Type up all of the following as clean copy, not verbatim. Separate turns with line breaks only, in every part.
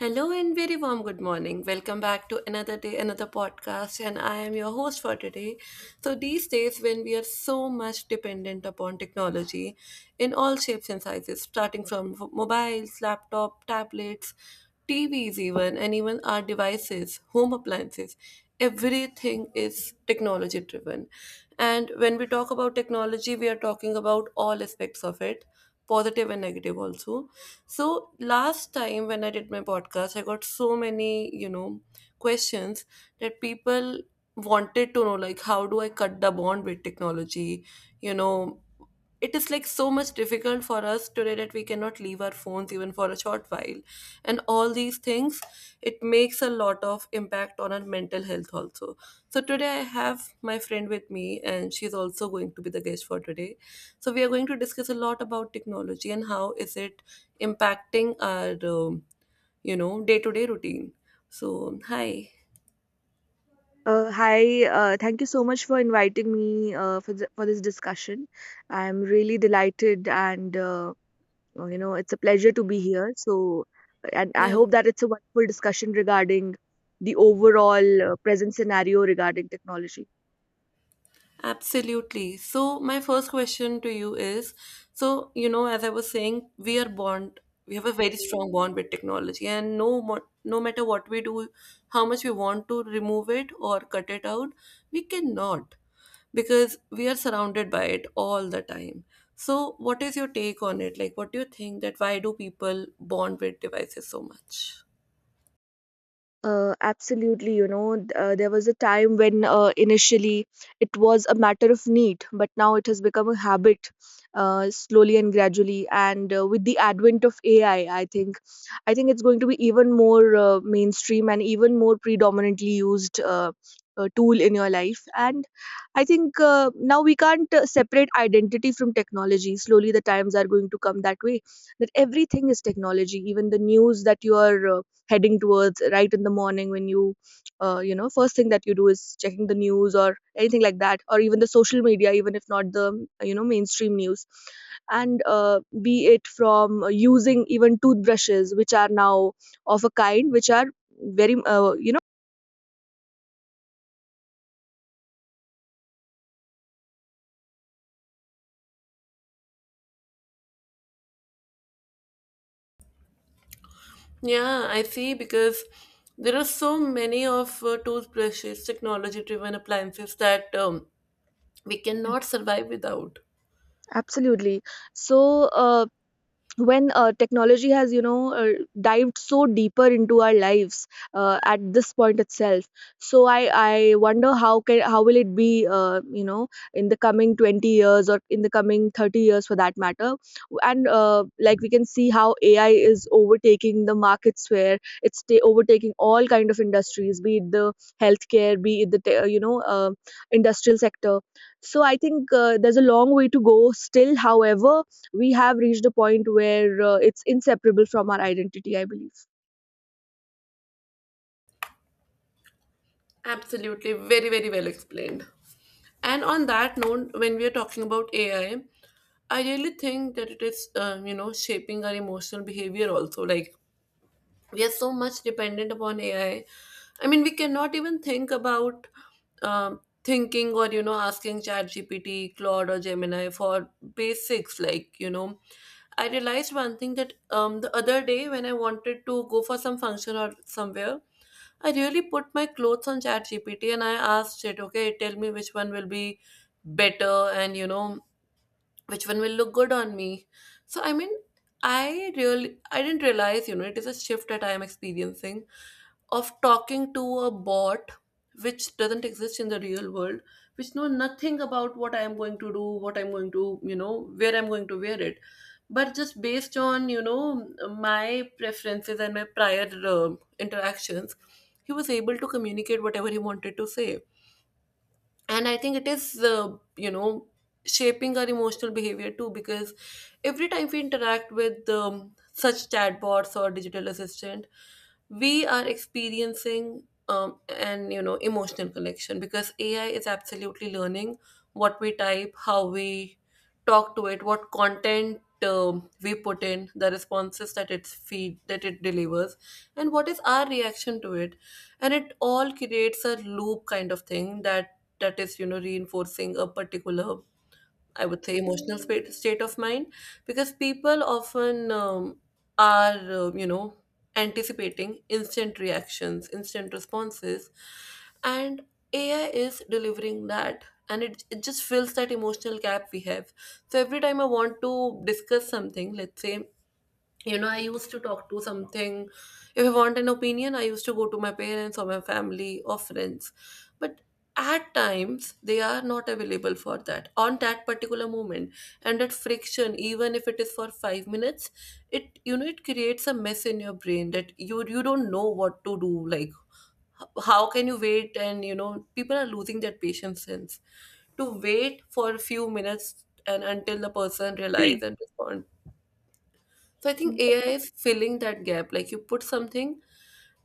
Hello and very warm good morning. Welcome back to another day, another podcast, and I am your host for today. So, these days, when we are so much dependent upon technology in all shapes and sizes, starting from mobiles, laptop, tablets, TVs, even, and even our devices, home appliances, everything is technology driven. And when we talk about technology, we are talking about all aspects of it, positive and negative also. So last time when I did my podcast, I got so many, questions that people wanted to know, like, how do I cut the bond with technology? You know, it is like so much difficult for us today that we cannot leave our phones even for a short while. And all these things, it makes a lot of impact on our mental health also. So today I have my friend with me and she's also going to be the guest for today. So we are going to discuss a lot about technology and how is it impacting our day-to-day routine. So hi.
Hi, thank you so much for inviting me for, for this discussion. I'm really delighted, and it's a pleasure to be here. And I
Yeah.
hope that it's a wonderful discussion regarding the overall present scenario regarding technology.
Absolutely. So, my first question to you is, so, you know, as I was saying, we are bond, we have a very strong bond with technology, and no, no matter what we do, how much we want to remove it or cut it out, we cannot because we are surrounded by it all the time. So, what is your take on it? Like, what do you think, that why do people bond with devices so much?
Absolutely, you know, there was a time when initially it was a matter of need, but now it has become a habit slowly and gradually. And with the advent of AI, I think it's going to be even more mainstream and even more predominantly used tool in your life. And I think now we can't separate identity from technology. Slowly, the times are going to come that way that everything is technology, even the news that you are heading towards right in the morning when you, first thing that you do is checking the news or anything like that, or even the social media, even if not the mainstream news. And be it from using even toothbrushes, which are now of a kind, which are very,
Yeah, I see because there are so many of toothbrushes, technology driven appliances that we
know,
cannot survive without.
Absolutely. So, when technology has dived so deeper into our lives at this point itself, so I wonder how will it be, you know, in the coming 20 years or in the coming 30 years for that matter. And like we can see how AI is overtaking the markets where overtaking all kind of industries, be it the healthcare, be it the industrial sector. So I think, there's a long way to go still. However, we have reached a point where it's inseparable from our identity, I believe.
Absolutely, very, very well explained. And on that note, when we are talking about AI, I really think that it is, you know, shaping our emotional behavior also. Like we are so much dependent upon AI. I mean, we cannot even think about thinking or, you know, asking chat gpt claude, or Gemini for basics. Like, you know, I realized one thing that, the other day when I wanted to go for some function or somewhere, I really put my clothes on chat gpt and I asked it, okay, tell me which one will be better and, you know, which one will look good on me. So, I mean, I didn't realize, you know, it is a shift that I am experiencing of talking to a bot which doesn't exist in the real world, which know nothing about what I am going to do, what I'm going to, you know, where I'm going to wear it, but just based on, you know, my preferences and my prior um interactions, he was able to communicate whatever he wanted to say. And I think it is, uh, you know, shaping our emotional behavior too, because every time we interact with such chatbots or digital assistant, we are experiencing an, you know, emotional connection because AI is absolutely learning what we type, how we talk to it, what content we put in the responses, that it's feed, that it delivers, and what is our reaction to it. And it all creates a loop kind of thing, that is, you know, reinforcing a particular, I would say, emotional state of mind. Because people often are, you know, anticipating instant reactions, instant responses, and AI is delivering that. And it just fills that emotional gap we have. So every time I want to discuss something, let's say, you know, I used to talk to something. If I want an opinion, I used to go to my parents or my family or friends, but at times they are not available for that on that particular moment. And that friction, even if it is for 5 minutes, it, you know, it creates a mess in your brain, that you don't know what to do. Like, how can you wait? And you know, people are losing their patience sense to wait for a few minutes and until the person realizes and responds. So I think
Mm.
AI is filling that gap. Like, you put something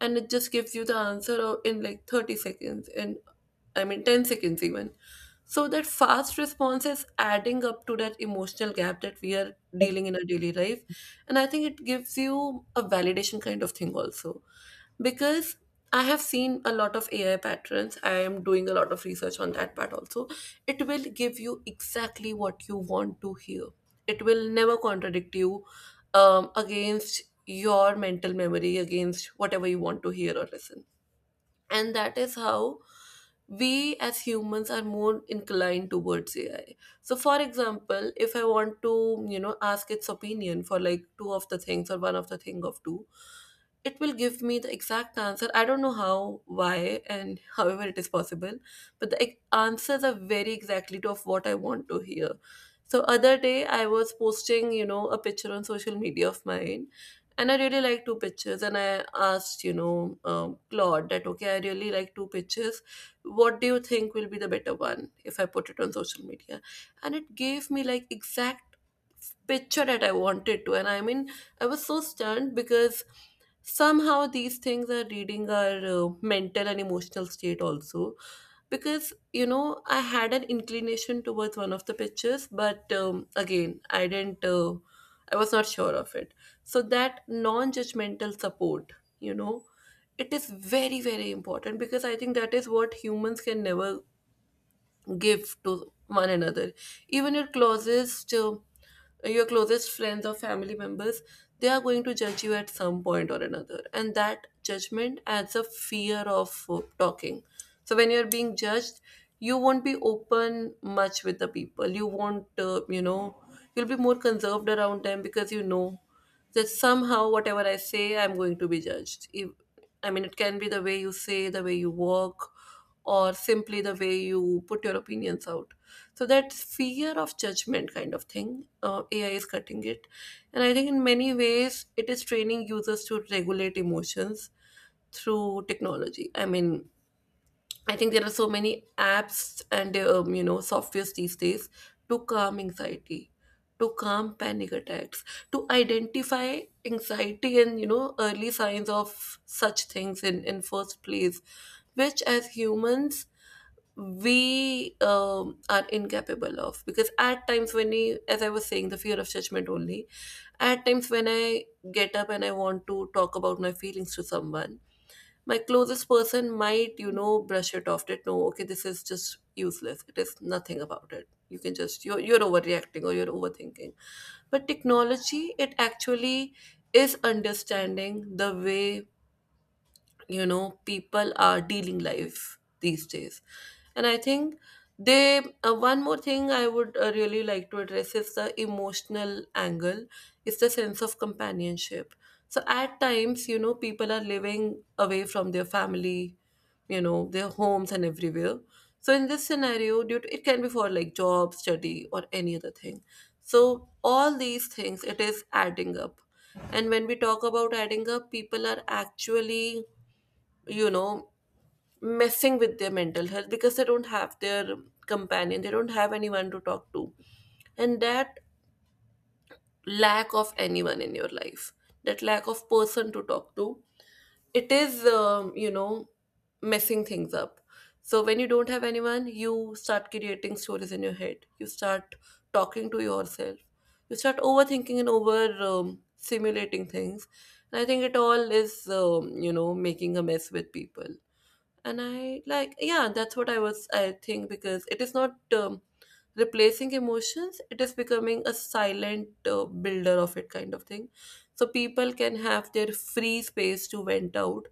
and it just gives you the answer, in like 30 seconds, and I mean 10 seconds even. So that fast response is adding up to that emotional gap that we are dealing in our daily life. And I think it gives you a validation kind of thing also. Because I have seen a lot of AI patterns. I am doing a lot of research on that part also. It will give you exactly what you want to hear. It will never contradict you against your mental memory, against whatever you want to hear or listen. And that is how we as humans are more inclined towards AI. So for example, if I want to, you know, ask its opinion for like two of the things or one of the thing of two, it will give me the exact answer. I don't know how, why, and however it is possible, but the answers are very exactly to of what I want to hear. So other day I was posting, you know, a picture on social media of mine, and I really like two pictures. And I asked, you know, Claude that, okay, I really like two pictures. What do you think will be the better one if I put it on social media? And it gave me like exact picture that I wanted to. And I mean, I was so stunned because somehow these things are reading our mental and emotional state also. Because, you know, I had an inclination towards one of the pictures, but again, I was not sure of it. So that non-judgmental support, you know, it is very, very important, because I think that is what humans can never give to one another. Even your closest friends or family members, they are going to judge you at some point or another, and that judgment adds a fear of talking. So when you're being judged, you won't be open much with the people. You won't, you know, you'll be more conserved around them because you know that somehow whatever I say, I'm going to be judged. If, I mean, it can be the way you say, the way you walk, or simply the way you put your opinions out. So that fear of judgment kind of thing, AI is cutting it. And I think in many ways, it is training users to regulate emotions through technology. I mean, I think there are so many apps and, you know, softwares these days to calm anxiety, to calm panic attacks, to identify anxiety and, you know, early signs of such things in first place, which as humans we are incapable of. Because at times, when we, as I was saying, the fear of judgment only, at times when I get up and I want to talk about my feelings to someone, my closest person might, you know, brush it off that, no, okay, this is just useless, it is nothing about it, you can just, you're overreacting or you're overthinking. But technology, it actually is understanding the way, you know, people are dealing life these days. And I think they, one more thing I would, really like to address is the emotional angle. It's the sense of companionship. So at times, you know, people are living away from their family, you know, their homes and everywhere. So in this scenario, due to, it can be for like job, study, or any other thing. So all these things, it is adding up. And when we talk about adding up, people are actually, you know, messing with their mental health because they don't have their companion, they don't have anyone to talk to. And that lack of anyone in your life, that lack of person to talk to, it is, you know, messing things up. So when you don't have anyone, you start creating stories in your head, you start talking to yourself, you start overthinking and over simulating things. And I think it all is, you know, making a mess with people. And I like, yeah, that's what I was I think, because it is not, replacing emotions, it is becoming a silent builder of it kind of thing. So people can have their free space to vent out,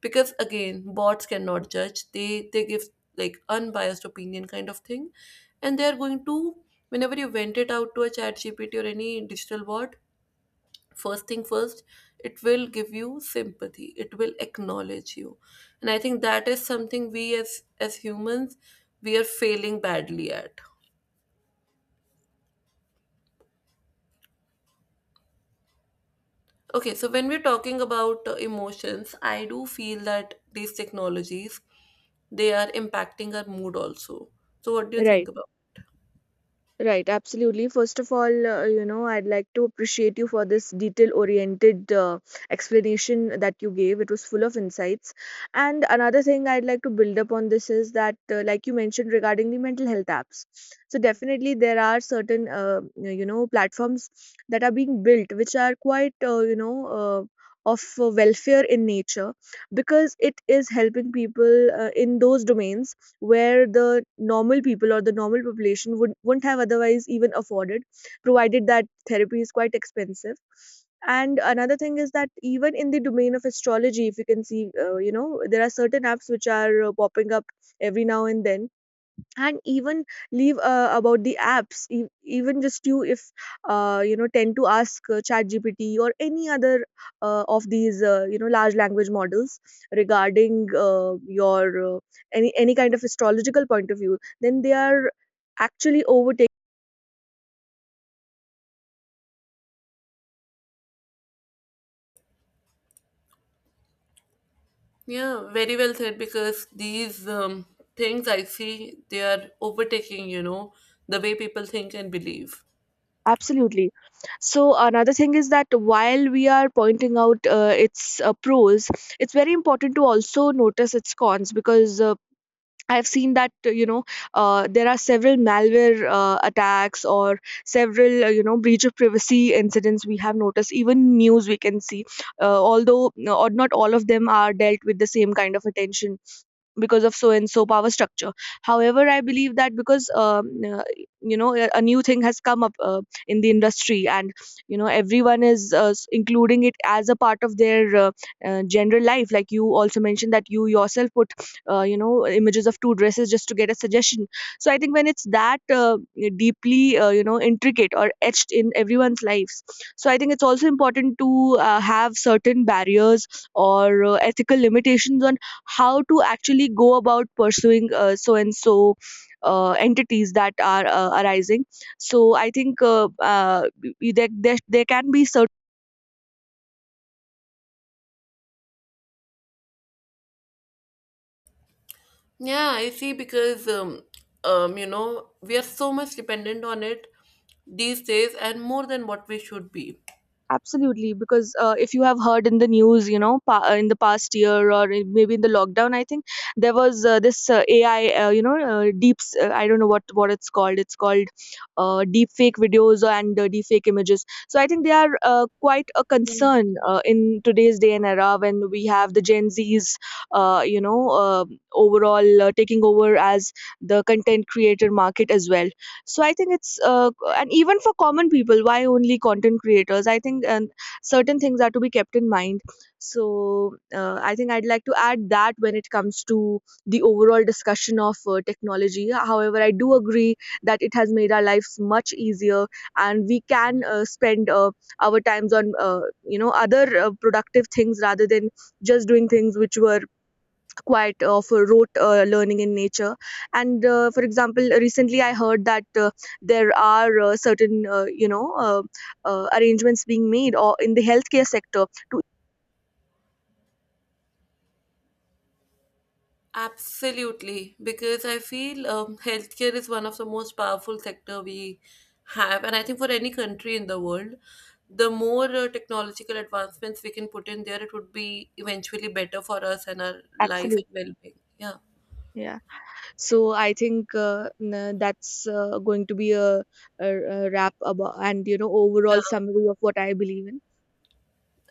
because again, bots cannot judge. They give like unbiased opinion kind of thing. And they are going to, whenever you vent it out to a chat gpt or any digital bot, first thing first, it will give you sympathy, it will acknowledge you. And I think that is something we, as humans, we are failing badly at. Okay, so when we're talking about emotions, I do feel that these technologies, they are impacting our mood also. So what do you think
Right.
about.
Right, absolutely. First of all, you know, I'd like to appreciate you for this detail oriented explanation that you gave. It was full of insights. And another thing I'd like to build up on this is that, like you mentioned regarding the mental health apps. So, definitely, there are certain, you know, platforms that are being built which are quite, you know, of welfare in nature, because it is helping people in those domains where the normal people or the normal population wouldn't have otherwise even afforded, provided that therapy is quite expensive. And another thing is that even in the domain of astrology, if you can see, you know, there are certain apps which are popping up every now and then. And even leave about the apps, even just you, if you know, tend to ask, chat gpt or any other of these you know large language models regarding your any kind of astrological point of view, then they are actually overtaking.
Yeah, very well said, because these things I see, they are overtaking, you know, the way people think and believe.
Absolutely. So another thing is that while we are pointing out its pros, it's very important to also notice its cons, because I've seen that there are several malware attacks, or several you know breach of privacy incidents we have noticed. Even news we can see, although or not all of them are dealt with the same kind of attention because of so and so power structure. However, I believe that, because uh, you know, a new thing has come up in the industry, and you know everyone is, including it as a part of their general life, like you also mentioned that you yourself put, you know, images of two dresses just to get a suggestion. So I think when it's that deeply you know intricate or etched in everyone's lives, so I think it's also important to have certain barriers or ethical limitations on how to actually go about pursuing so and so entities that are arising. So I think, there, there can be certain.
Yeah, I see because, you know, we are so much dependent on it these days and more than what we should be.
Absolutely, because if you have heard in the news, you know, in the past year, or maybe in the lockdown, I think there was this AI, deeps. I don't know what it's called. It's called deep fake videos and deep fake images. So I think they are quite a
Mhm.
concern in today's day and era, when we have the Gen Zs, uh, you know, uh, overall taking over as the content creator market as well. So I think it's and even for common people, why only content creators, I think, and certain things are to be kept in mind. So I think I'd like to add that when it comes to the overall discussion of technology, however, I do agree that it has made our lives much easier, and we can spend our times on you know other productive things rather than just doing things which were quite of rote learning in nature. And for example, recently I heard that there are certain arrangements being made or in the healthcare sector to
Absolutely, because I feel healthcare is one of the most powerful sector we have, and I think for any country in the world, the more technological advancements we can put in there, it would be eventually better for us and our life and
absolutely,
well-being. Yeah,
yeah. So I think, that's going to be a wrap about, and you know,
yeah.
overall summary of what I believe in.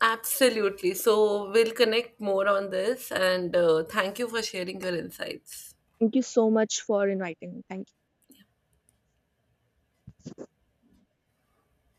Absolutely. So we'll connect more on this, and thank you for sharing your insights.
Thank you so much for inviting me, thank you.